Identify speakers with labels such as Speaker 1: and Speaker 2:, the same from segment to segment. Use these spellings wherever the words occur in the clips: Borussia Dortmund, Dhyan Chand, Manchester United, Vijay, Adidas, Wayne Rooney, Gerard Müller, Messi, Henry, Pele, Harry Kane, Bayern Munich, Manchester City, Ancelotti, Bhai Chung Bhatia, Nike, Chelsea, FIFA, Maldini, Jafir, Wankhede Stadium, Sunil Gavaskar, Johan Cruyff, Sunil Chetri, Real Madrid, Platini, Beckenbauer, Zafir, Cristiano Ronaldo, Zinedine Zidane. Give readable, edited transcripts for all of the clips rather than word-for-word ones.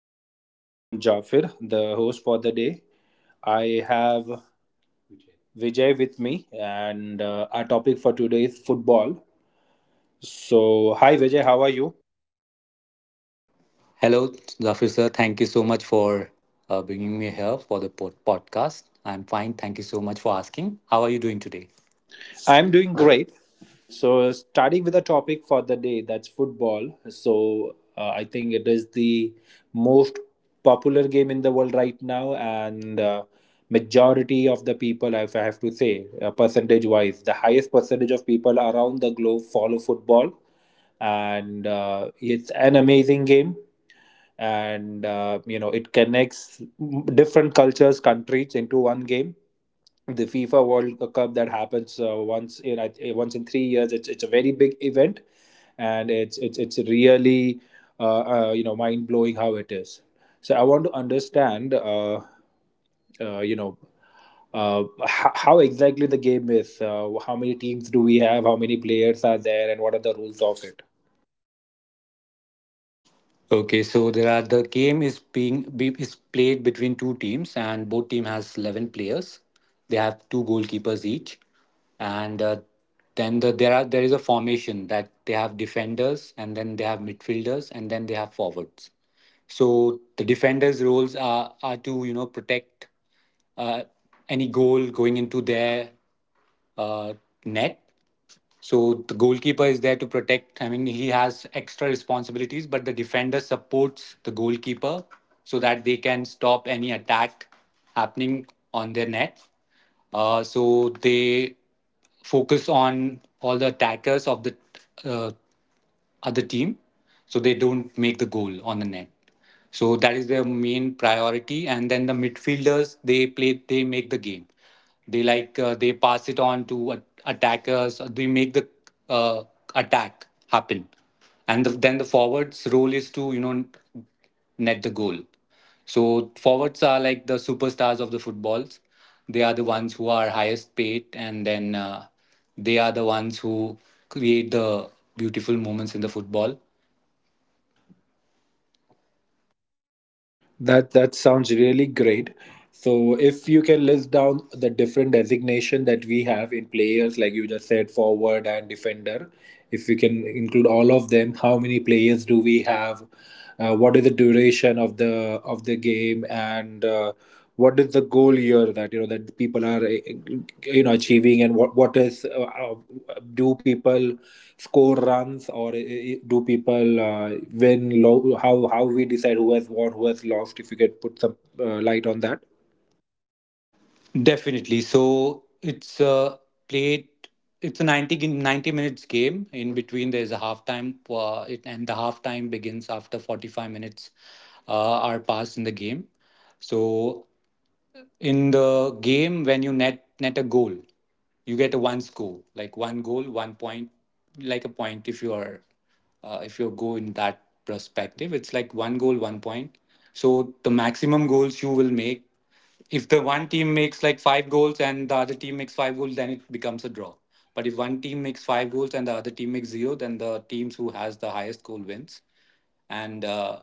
Speaker 1: Hello everyone, I am Jafir, the host for the day. I have Vijay with me, and our topic for today is football. So, hi Vijay, how are you?
Speaker 2: Hello, Zafir sir. Thank you so much for bringing me here for the podcast. I'm fine. Thank you so much for asking. How are you doing today?
Speaker 1: I'm doing great. So, starting with the topic for the day, that's football. So, I think it is the most popular game in the world right now, and majority of the people, if I have to say, percentage wise, the highest percentage of people around the globe follow football, and it's an amazing game, and you know, it connects different cultures, countries into one game. The FIFA World Cup that happens once in once in 3 years. It's a very big event, and it's really you know, mind blowing how it is. So I want to understand you know, how exactly the game is. How many teams do we have? How many players are there? And what are the rules of it?
Speaker 2: Okay, so the game is is played between two teams, and both team has 11 players. They have two goalkeepers each, and there is a formation that they have defenders, and then they have midfielders, and then they have forwards. So the defenders' roles are to you know protect uh, any goal going into their uh, net, so the goalkeeper is there to protect. I mean, he has extra responsibilities, but the defender supports the goalkeeper so that they can stop any attack happening on their net. So they focus on all the attackers of the uh, other team, so they don't make the goal on the net. So that is their main priority. And then the midfielders, they play, they make the game. They like they pass it on to attackers. Uh, they make the uh, attack happen. Then the forwards role is to you know net the goal. So forwards are like the superstars of the footballs. They are the ones who are highest paid, and then they are the ones who create the beautiful moments in the football.
Speaker 1: That that sounds really great. So if you can list down the different designation that we have in players, like you just said, forward and defender, if you can include all of them, how many players do we have? What is the duration of the game, and what is the goal here that you know, that people are you know, achieving, and what is do people score runs, or do people win low, how we decide who has won, who has lost, if you could put some light on that.
Speaker 2: Definitely. So it's played. It's a 90 minutes game. In between, there's a halftime, and the halftime begins after 45 minutes are passed in the game. So in the game, when you net a goal, you get a one score, like one goal one point, like a point. If you are if you go in that perspective, it's like one goal one point. So the maximum goals you will make, if the one team makes like five goals and the other team makes five goals, then it becomes a draw. But if one team makes five goals and the other team makes zero, then the teams who has the highest goal wins. And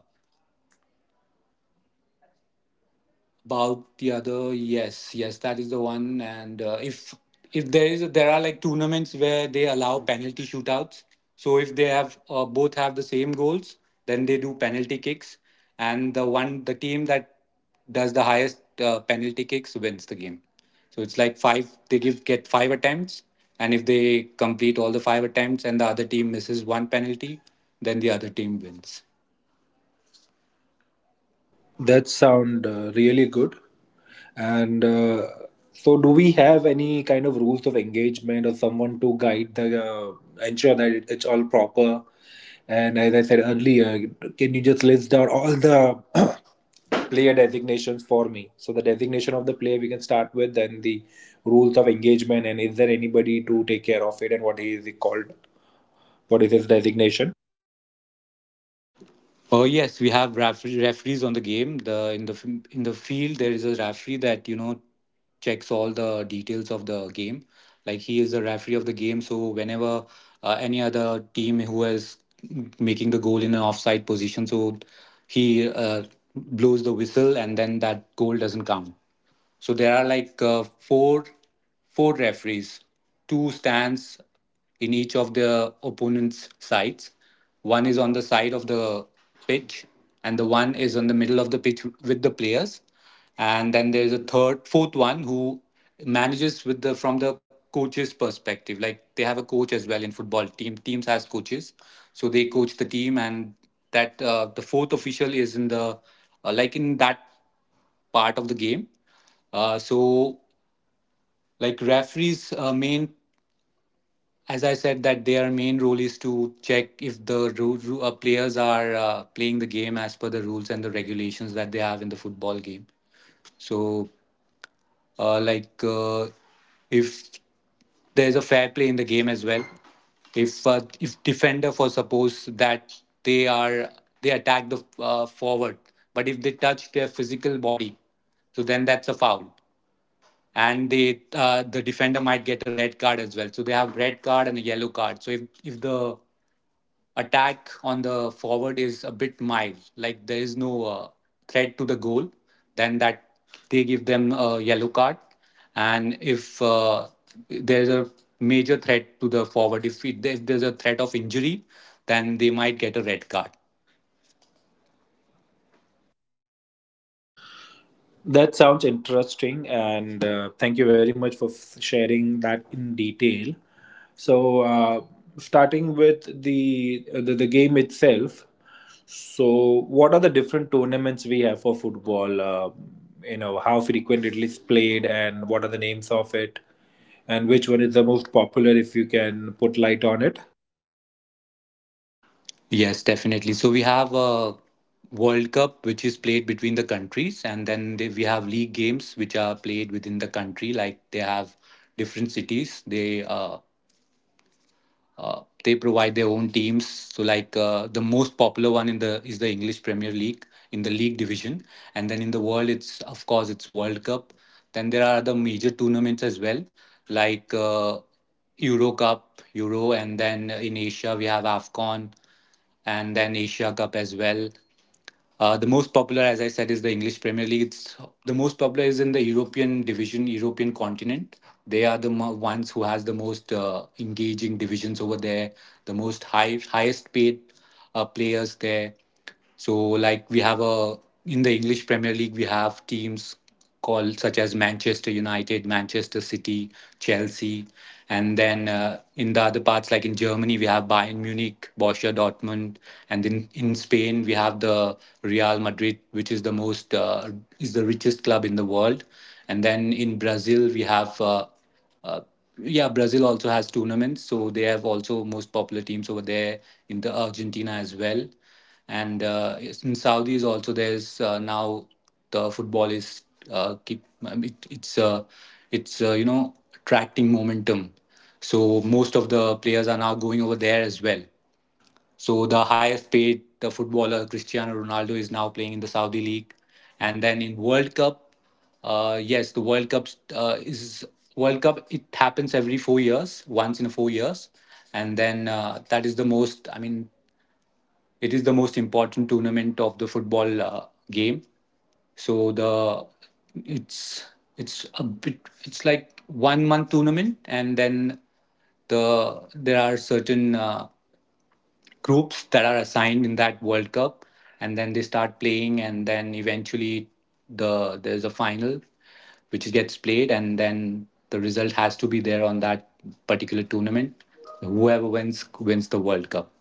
Speaker 2: about the other, yes, yes, that is the one. And if there are like tournaments where they allow penalty shootouts. So if they have both have the same goals, then they do penalty kicks, and the team that does the highest penalty kicks wins the game. So it's like five, they give get five attempts, and if they complete all the five attempts and the other team misses one penalty, then the other team wins.
Speaker 1: That sound really good, and so do we have any kind of rules of engagement, or someone to guide the ensure that it, it's all proper, and as I said earlier, can you just list down all the player designations for me. So the designation of the player we can start with, and the rules of engagement, and is there anybody to take care of it, and what he is called, what is his designation.
Speaker 2: Oh yes, we have referees on the game. The in the f- In the field there is a referee that you know checks all the details of the game. Like he is the referee of the game, so whenever any other team who is making the goal in an offside position, so he blows the whistle and then that goal doesn't count. So there are like four referees. Two stands in each of the opponent's sides. One is on the side of the pitch, and the one is on the middle of the pitch with the players. And then there is a fourth one who manages with the from the coach's perspective. Like they have a coach as well in football team. Teams has coaches, so they coach the team, and that the fourth official is in the like in that part of the game. Uh, so, like referees, main, as I said, that their main role is to check if the players are playing the game as per the rules and the regulations that they have in the football game. So, uh, like uh, if there's a fair play in the game as well. If defender, for suppose, that they are they attack the forward, but if they touch their physical body, so then that's a foul. And they the defender might get a red card as well. So they have red card and a yellow card. So if the attack on the forward is a bit mild, like there is no threat to the goal, then that they give them a yellow card. And if there's a major threat to the forward, if there's a threat of injury, then they might get a red card.
Speaker 1: That sounds interesting, and thank you very much for sharing that in detail. So starting with the game itself. So what are the different tournaments we have for football? You know, how frequent it is played, and what are the names of it? And which one is the most popular, if you can put light on it.
Speaker 2: Yes, definitely. So we have a World Cup which is played between the countries, and then we have league games which are played within the country. Like they have different cities. They provide their own teams. So, like the most popular one in the is the English Premier League in the league division, and then in the world, it's of course it's World Cup. Then there are other major tournaments as well, like Euro Cup, Euro, and then in Asia we have Afcon, and then Asia Cup as well. The most popular, as I said, is the English Premier League. The most popular is in the European division, European continent. They are the ones who has the most engaging divisions over there, the most highest paid players there. So, like we have a in the English Premier League, we have teams call such as Manchester United, Manchester City, Chelsea, and then in the other parts, like in Germany we have Bayern Munich, Borussia Dortmund, and in Spain we have the Real Madrid, which is the most is the richest club in the world, and then in Brazil we have. Uh, yeah, Brazil also has tournaments, so they have also most popular teams over there, in the Argentina as well. And yes, in Saudi is also there's now the football is keep it, it's you know attracting momentum. So most of the players are now going over there as well. So the highest paid the footballer Cristiano Ronaldo is now playing in the Saudi league, and then in World Cup, yes, the World Cup is World Cup. It happens every 4 years, once in 4 years, and then that is the most. I mean, it is the most important tournament of the football game. So the it's it's a bit it's like 1 month tournament, and then there are certain groups that are assigned in that World Cup, and then they start playing, and then eventually there's a final which gets played, and then the result has to be there on that particular tournament. Whoever wins wins the World Cup.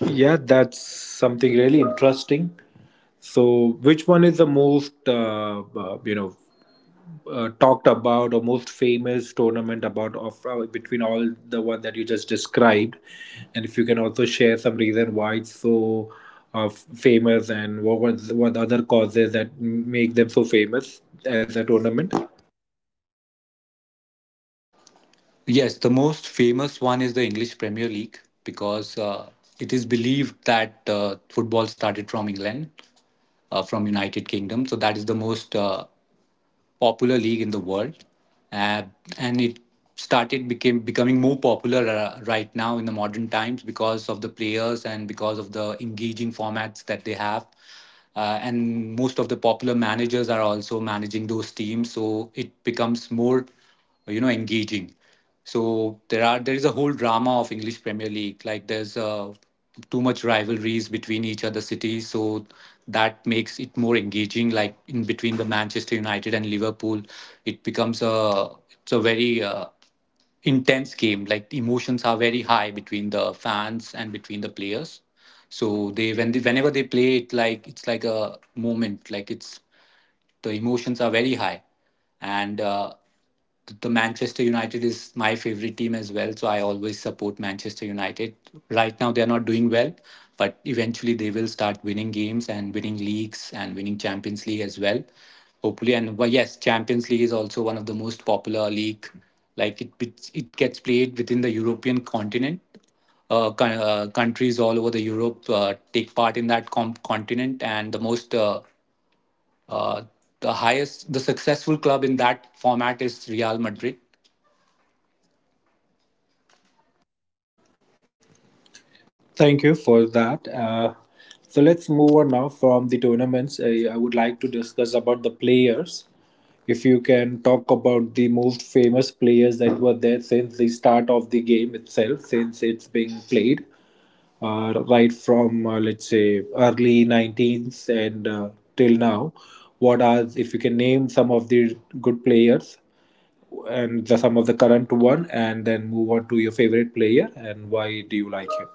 Speaker 1: Yeah, that's something really interesting. So which one is the most you know, talked about, or most famous tournament about of between all the one that you just described, and if you can also share some reason why it's so famous, and what was, what other causes that make them so famous as a tournament.
Speaker 2: Yes, the most famous one is the English Premier League because it is believed that football started from England, from United Kingdom. So that is the most popular league in the world, uh, and it started became becoming more popular right now in the modern times because of the players and because of the engaging formats that they have. And most of the popular managers are also managing those teams, so it becomes more you know engaging. So there is a whole drama of English Premier League. Like there's too much rivalries between each other cities, so that makes it more engaging, like in between the Manchester United and Liverpool. It becomes a it's a very intense game. Like the emotions are very high between the fans and between the players. So they when they whenever they play it, like it's like a moment, like it's the emotions are very high, and the Manchester United is my favorite team as well. So I always support Manchester United. Right now, they are not doing well, but eventually they will start winning games and winning leagues and winning Champions League as well. Hopefully, and well, yes, Champions League is also one of the most popular league. Like it gets played within the European continent. Countries all over the Europe take part in that continent, and the most uh, the successful club in that format is Real Madrid.
Speaker 1: Thank you for that. So let's move on now from the tournaments. I would like to discuss about the players. If you can talk about the most famous players that were there since the start of the game itself, since it's being played, right from let's say early 19th and till now, what are, if you can name some of the good players, and the, some of the current one, and then move on to your favorite player and why do you like him?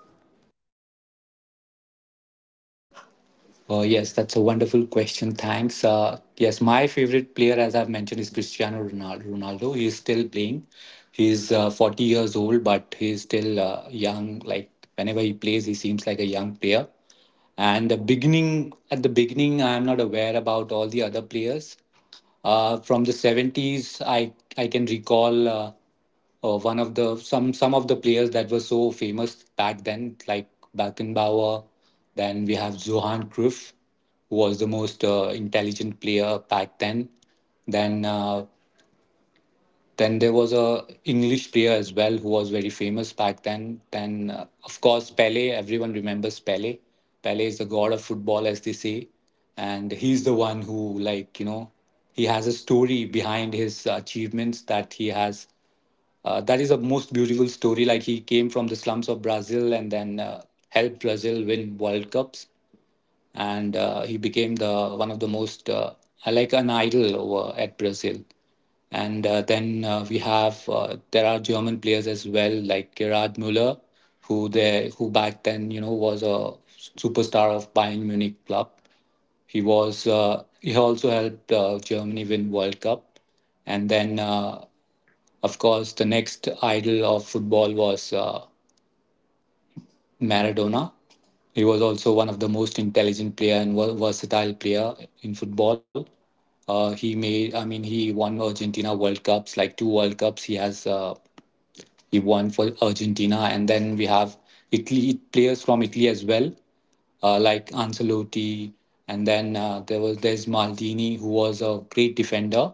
Speaker 2: Yes, that's a wonderful question. Thanks. Yes, my favorite player, as I've mentioned, is Cristiano Ronaldo. Ronaldo. He is still playing. He's 40 years old, but he's still young. Like whenever he plays, he seems like a young player. And the beginning, at the beginning, I'm not aware about all the other players. From the 70s, I can recall. One of the some of the players that were so famous back then, like Beckenbauer. Then we have Johan Cruyff, who was the most intelligent player back then. Then uh, then there was a English player as well who was very famous back then. Then of course Pele, everyone remembers Pele. Pele is the god of football, as they say, and he's the one who he has a story behind his achievements that he has that is a most beautiful story. Like he came from the slums of Brazil, and then helped Brazil win World Cups, and he became the one of the most like an idol over at Brazil. And then we have There are German players as well, like Gerard Müller, who back then was a superstar of Bayern Munich club. He was he also helped Germany win World Cup, and then. Of course, the next idol of football was Maradona. He was also one of the most intelligent player and versatile player in football. He made, I mean, he won Argentina World Cups, like two World Cups. He has he won for Argentina, and then we have Italy players from Italy as well, like Ancelotti, and then there was there's Maldini, who was a great defender.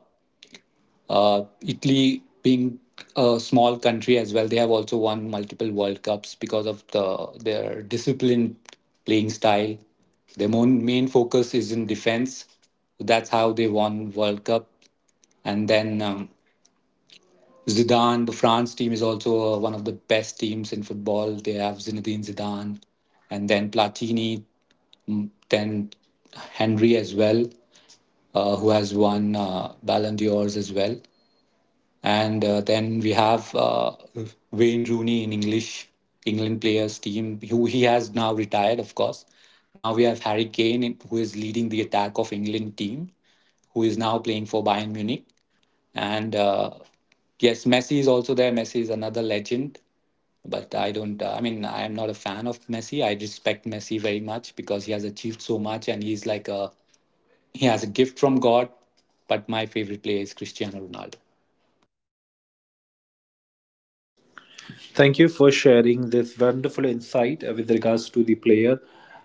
Speaker 2: Italy, being a small country as well, they have also won multiple World Cups because of their disciplined playing style. Their main focus is in defense. That's how they won World Cup. And then Zidane, the France team is also one of the best teams in football. They have Zinedine Zidane, and then Platini, then Henry as well, who has won Ballon d'Ors as well. And then we have Wayne Rooney in English England players team, who he has now retired, of course. Now we have Harry Kane, who is leading the attack of England team, who is now playing for Bayern Munich. And yes, Messi is also there. Messi is another legend, but I don't. I mean, I am not a fan of Messi. I respect Messi very much because he has achieved so much, and he has a gift from God. But my favorite player is Cristiano Ronaldo.
Speaker 1: Thank you for sharing this wonderful insight with regards to the player.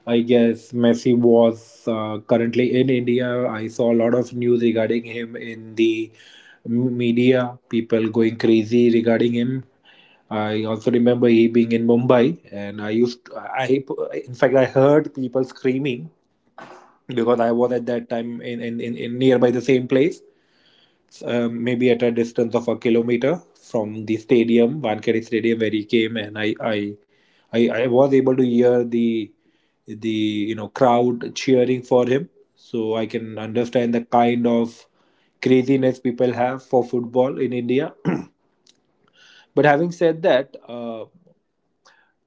Speaker 1: I guess Messi was currently in India. I saw a lot of news regarding him in the media, people going crazy regarding him. I also remember he being in Mumbai, and I used, I, in fact, I heard people screaming because I was at that time in nearby the same place, maybe at a distance of a kilometer from the stadium, Wankhede Stadium, where he came, and I was able to hear the, you know, crowd cheering for him. So I can understand the kind of craziness people have for football in India. But having said that,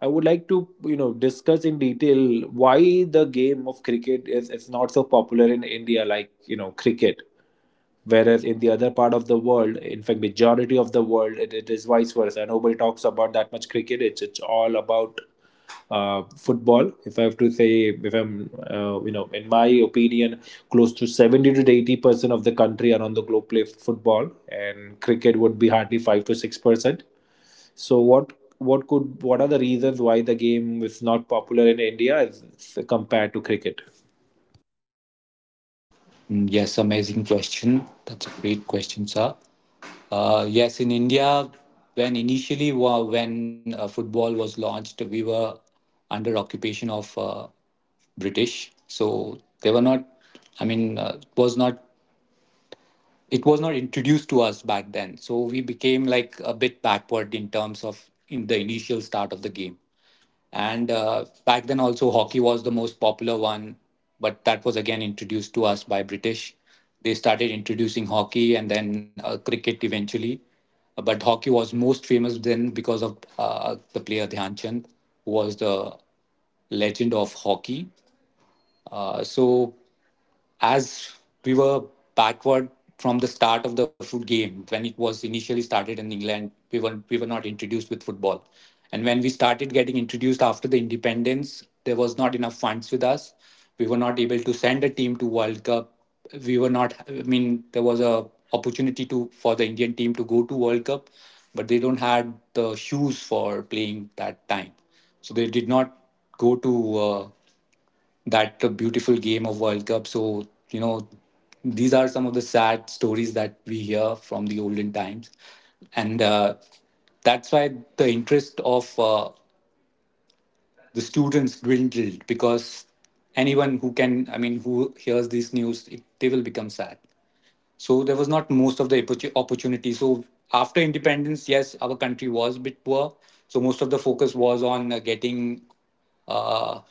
Speaker 1: I would like to, you know, discuss in detail why the game of cricket is not so popular in India, like you know, cricket, whereas in the other part of the world, in fact, majority of the world, it is vice versa. Nobody talks about that much cricket. It's all about football, if I have to say, if I'm you know, in my opinion, close to 70 to 80% of the country around the globe play football, and cricket would be hardly 5 to 6%. So what could, what are the reasons why the game is not popular in India as compared to cricket?
Speaker 2: Yes, amazing question. That's a great question, sir. Yes, in India, when football was launched, we were under occupation of British, so they were not. I mean, it was not. It was not introduced to us back then, so we became like a bit backward in terms of in the initial start of the game. And back then, also, hockey was the most popular one, but that was again introduced to us by British. They started introducing hockey and then cricket eventually. But hockey was most famous then because of the player Dhyan Chand, who was the legend of hockey. So as we were backward from the start of the foot game when it was initially started in England, we were not introduced with football. And when we started getting introduced after the independence, there was not enough funds with us. We were not able to send a team to World Cup. We were not I mean There was a opportunity to for the Indian team to go to World Cup, but they don't had the shoes for playing that time, so they did not go to that beautiful game of World Cup. So, you know, these are some of the sad stories that we hear from the olden times. And that's why the interest of the students dwindled because anyone who can, I mean, who hears this news, it, they will become sad. So there was not most of the opportunity. So after independence, yes, our country was a bit poor. So most of the focus was on getting uh,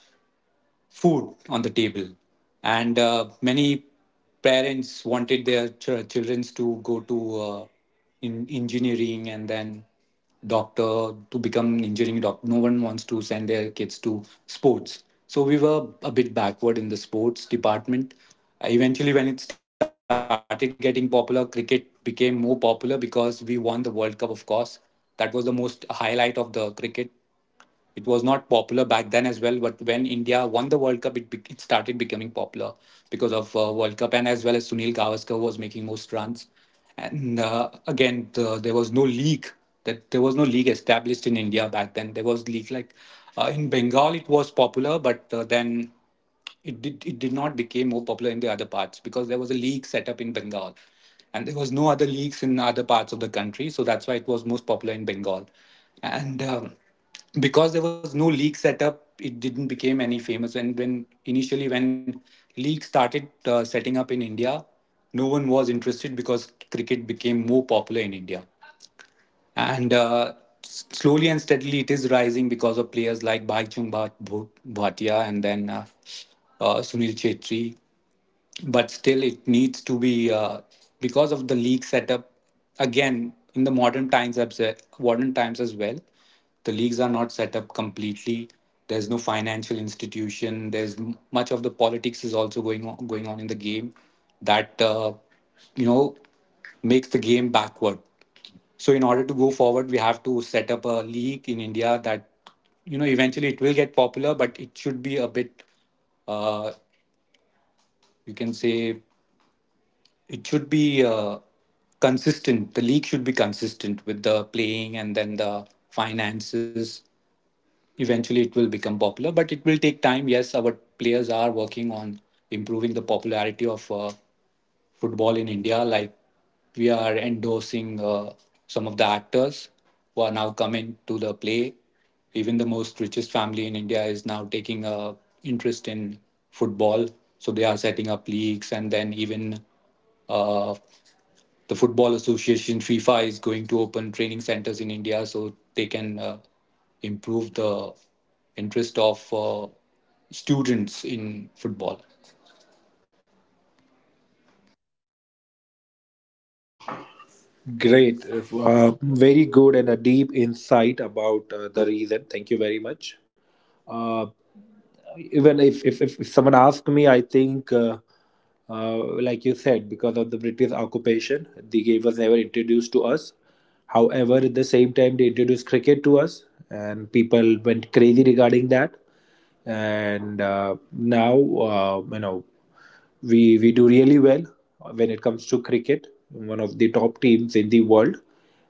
Speaker 2: food on the table. And many parents wanted their children to go to in engineering and then doctor to become engineering doctor. No one wants to send their kids to sports. So we were a bit backward in the sports department. Eventually, when it started getting popular, cricket became more popular because we won the World Cup, of course. That was the most highlight of the cricket. It was not popular back then as well, but when India won the World Cup, it started becoming popular because of World Cup, and as well as Sunil Gavaskar was making most runs. And again, there was no league that there was no league established in India back then. There was league like in Bengal, it was popular, but then it did not become more popular in the other parts because there was a league set up in Bengal. And there was no other leagues in other parts of the country. So that's why it was most popular in Bengal. And Because there was no league set up, it didn't become any famous. And when league started setting up in India, no one was interested because cricket became more popular in India. And s- slowly and steadily it is rising because of players like Bhai Chung Bhatia and then Sunil Chetri, but still it needs to be because of the league setup. Again in the modern times as well, the leagues are not set up completely. There's no financial institution. There's much of the politics is also going on in the game that you know makes the game backward. So in order to go forward, we have to set up a league in India that, you know, eventually it will get popular, but it should be a bit uh, you can say it should be consistent. The league should be consistent with the playing and then the finances. Eventually, it will become popular, but it will take time. Yes, our players are working on improving the popularity of football in India. Like we are endorsing some of the actors who are now coming to the play. Even the most richest family in India is now taking interest in football. So they are setting up leagues, and then even uh, the Football Association FIFA is going to open training centers in India so they can improve the interest of students in football.
Speaker 1: Great, very good, and a deep insight about the reason. Thank you very much. Uh, even if someone asked me, I think, like you said, because of the British occupation, the game was never introduced to us. However, at the same time, they introduced cricket to us, and people went crazy regarding that. And now, you know, we do really well when it comes to cricket, one of the top teams in the world.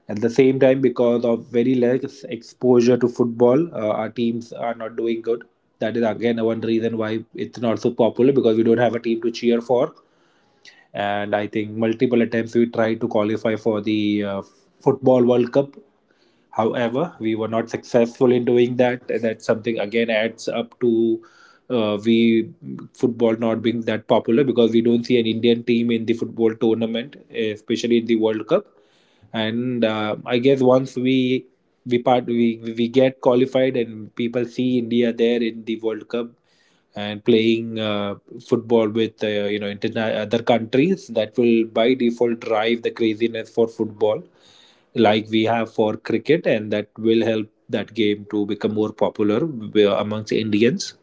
Speaker 1: At the same time, because of very less exposure to football, our teams are not doing good. That is again one reason why it's not so popular, because we don't have a team to cheer for. And I think multiple attempts we tried to qualify for the football world cup. However, we were not successful in doing that. That's something again adds up to we football not being that popular, because we don't see an Indian team in the football tournament, especially in the World Cup. And I guess once we part we get qualified and people see India there in the World Cup, and playing football with you know, other countries, that will by default drive the craziness for football like we have for cricket, and that will help that game to become more popular amongst Indians.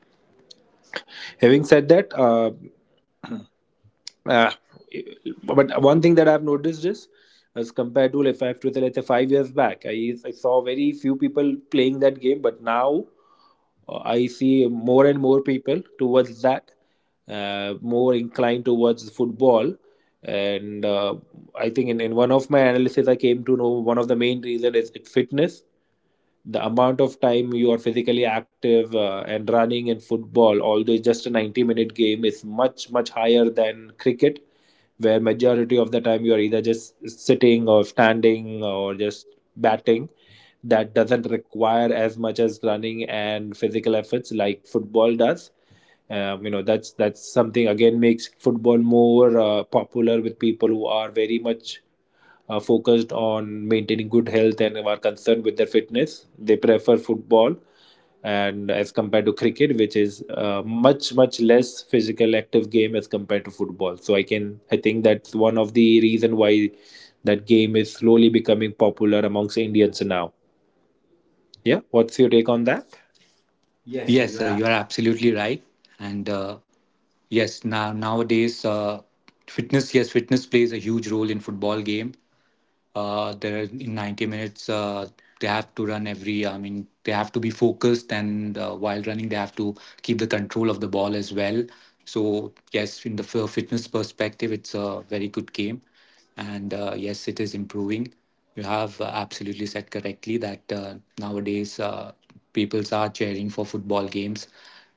Speaker 1: Having said that, uh, but one thing that I've noticed is, as compared to, if I have to tell, let's say 5 years back, I saw very few people playing that game, but now, I see more and more people towards that, more inclined towards football. And I think in one of my analysis, I came to know one of the main reason is it's fitness. The amount of time you are physically active and running in football, although it's just a 90-minute game, is much, much higher than cricket, where majority of the time you are either just sitting or standing or just batting. That doesn't require as much as running and physical efforts like football does. You know, that's something again makes football more popular with people who are very much are focused on maintaining good health and are concerned with their fitness. They prefer football, and as compared to cricket, which is a much much less physical active game as compared to football. So I can, I think that's one of the reason why that game is slowly becoming popular amongst Indians now. Yeah, what's your take on that?
Speaker 2: Yes, sir, you are absolutely right. And yes, now nowadays, fitness yes, fitness plays a huge role in football game. There In 90 minutes they have to run every, I mean, they have to be focused, and while running they have to keep the control of the ball as well. So yes, in the fitness perspective, it's a very good game. And yes, it is improving. You have absolutely said correctly that nowadays people are cheering for football games.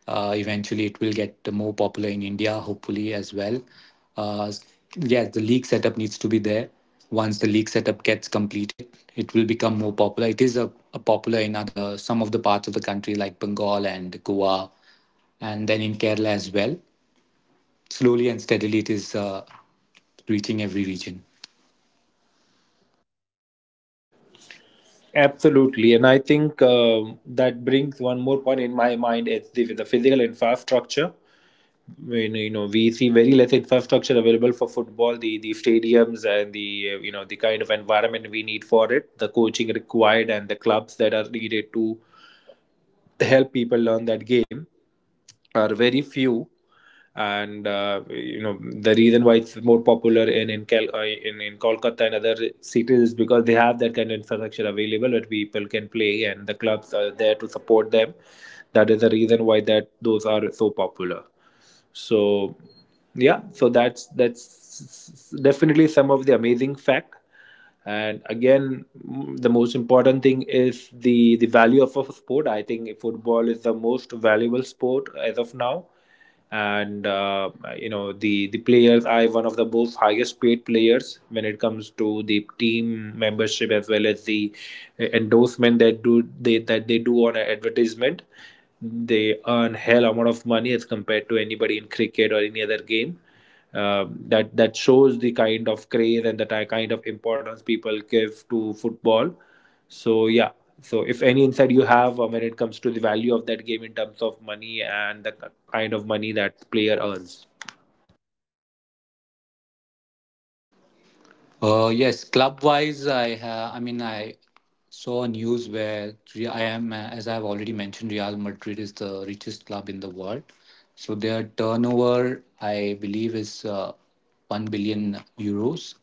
Speaker 2: Eventually, it will get more popular in India, hopefully, as well. uh, yes, the league setup needs to be there. Once the league setup gets completed, it will become more popular. It is a popular in other some of the parts of the country like Bengal and Goa, and then in Kerala as well. Slowly and steadily it is reaching every region.
Speaker 1: Absolutely, and I think, um, that brings one more point in my mind: is the physical infrastructure. When you know, we see very less infrastructure available for football, the stadiums and the, you know, the kind of environment we need for it, the coaching required and the clubs that are needed to help people learn that game, are very few. And you know, the reason why it's more popular in, in Kolkata and other cities is because they have that kind of infrastructure available where people can play and the clubs are there to support them. That is the reason why that those are so popular. So yeah, so that's definitely some of the amazing fact. And again, the most important thing is the value of a sport. I think football is the most valuable sport as of now, and you know, the players are one of the most highest paid players when it comes to the team membership, as well as the endorsement that do they, that they do on an advertisement. They earn hell amount of money as compared to anybody in cricket or any other game. That that shows the kind of craze and the kind of importance people give to football. So yeah. So if any insight you have, when it comes to the value of that game in terms of money and the kind of money that player earns.
Speaker 2: Yes, club wise, I saw news where Re- I am as I have already mentioned, Real Madrid is the richest club in the world. So their turnover I believe is 1 billion euros,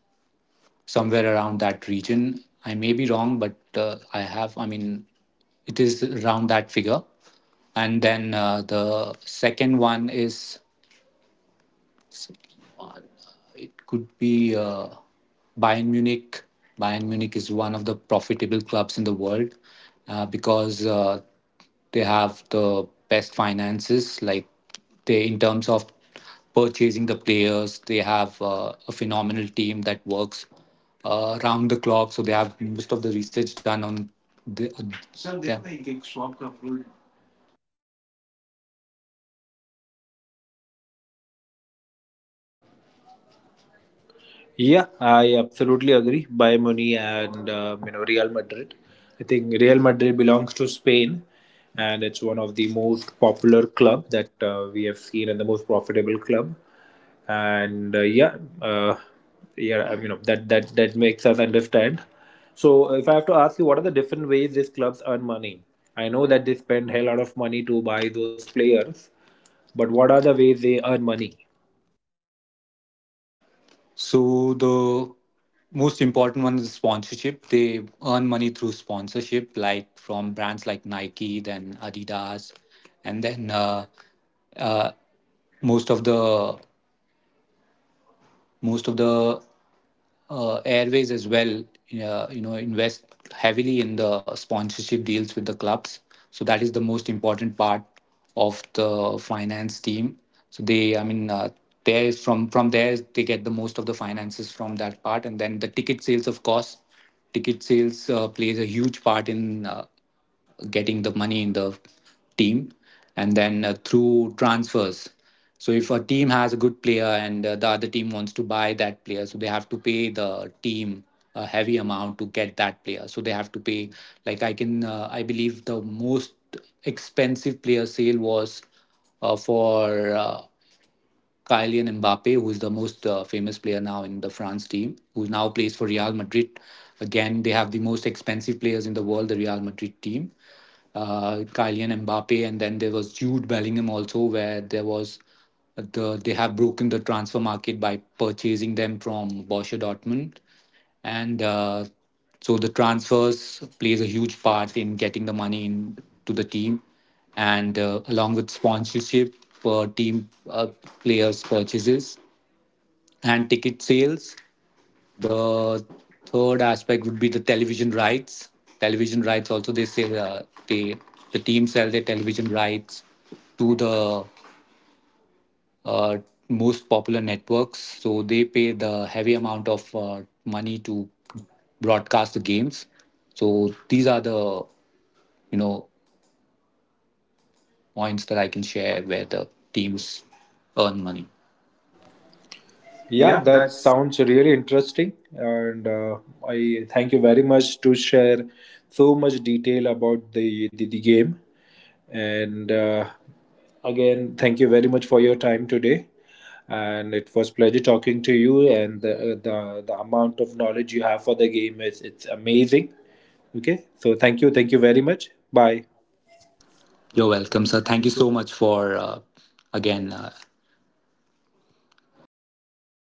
Speaker 2: somewhere around that region. I may be wrong, but I have, I mean, it is around that figure. And then the second one is it could be Bayern Munich. Bayern Munich is one of the profitable clubs in the world because they have the best finances. Like they, in terms of purchasing the players, they have a phenomenal team that works round the clock. So they have most of the research done on the. Sir, they yeah. make swap coverage.
Speaker 1: Yeah, I absolutely agree. Buy money and, you know, Real Madrid. I think Real Madrid belongs to Spain, and it's one of the most popular club that we have seen, and the most profitable club. And yeah, uh, yeah, you know that that that makes us understand. So if I have to ask you, what are the different ways these clubs earn money? I know that they spend hell lot of money to buy those players, but what are the ways they earn money?
Speaker 2: So the most important one is sponsorship. They earn money through sponsorship, like from brands like Nike, then Adidas, and then uh, most of the most of the Airways as well, you know, invest heavily in the sponsorship deals with the clubs. So that is the most important part of the finance team. So they, I mean, there is from there they get the most of the finances from that part, and then the ticket sales, of course, ticket sales plays a huge part in. Getting the money in the team, and then through transfers. So if a team has a good player and the other team wants to buy that player, so they have to pay the team a heavy amount to get that player. So they have to pay, like I can I believe the most expensive player sale was for Kylian Mbappe, who is the most famous player now in the France team, who now plays for Real Madrid. Again, they have the most expensive players in the world, the Real Madrid team. Kylian Mbappe, and then there was Jude Bellingham also, where there was they have broken the transfer market by purchasing them from Borussia Dortmund. And so the transfers plays a huge part in getting the money in to the team. And along with sponsorship per team, players purchases, and ticket sales, the third aspect would be the television rights. Television rights also they sell, they the team sell their television rights to the uh, most popular networks. So they pay the heavy amount of money to broadcast the games. So these are the, you know, points that I can share where the teams earn money.
Speaker 1: Yeah,
Speaker 2: Yeah,
Speaker 1: that
Speaker 2: that's
Speaker 1: sounds really interesting, and I thank you very much to share so much detail about the game. And again, thank you very much for your time today. And it was pleasure talking to you. And the amount of knowledge you have for the game is it's amazing. Okay, so thank you very much. Bye.
Speaker 2: You're welcome, sir. Thank you so much for again getting me to do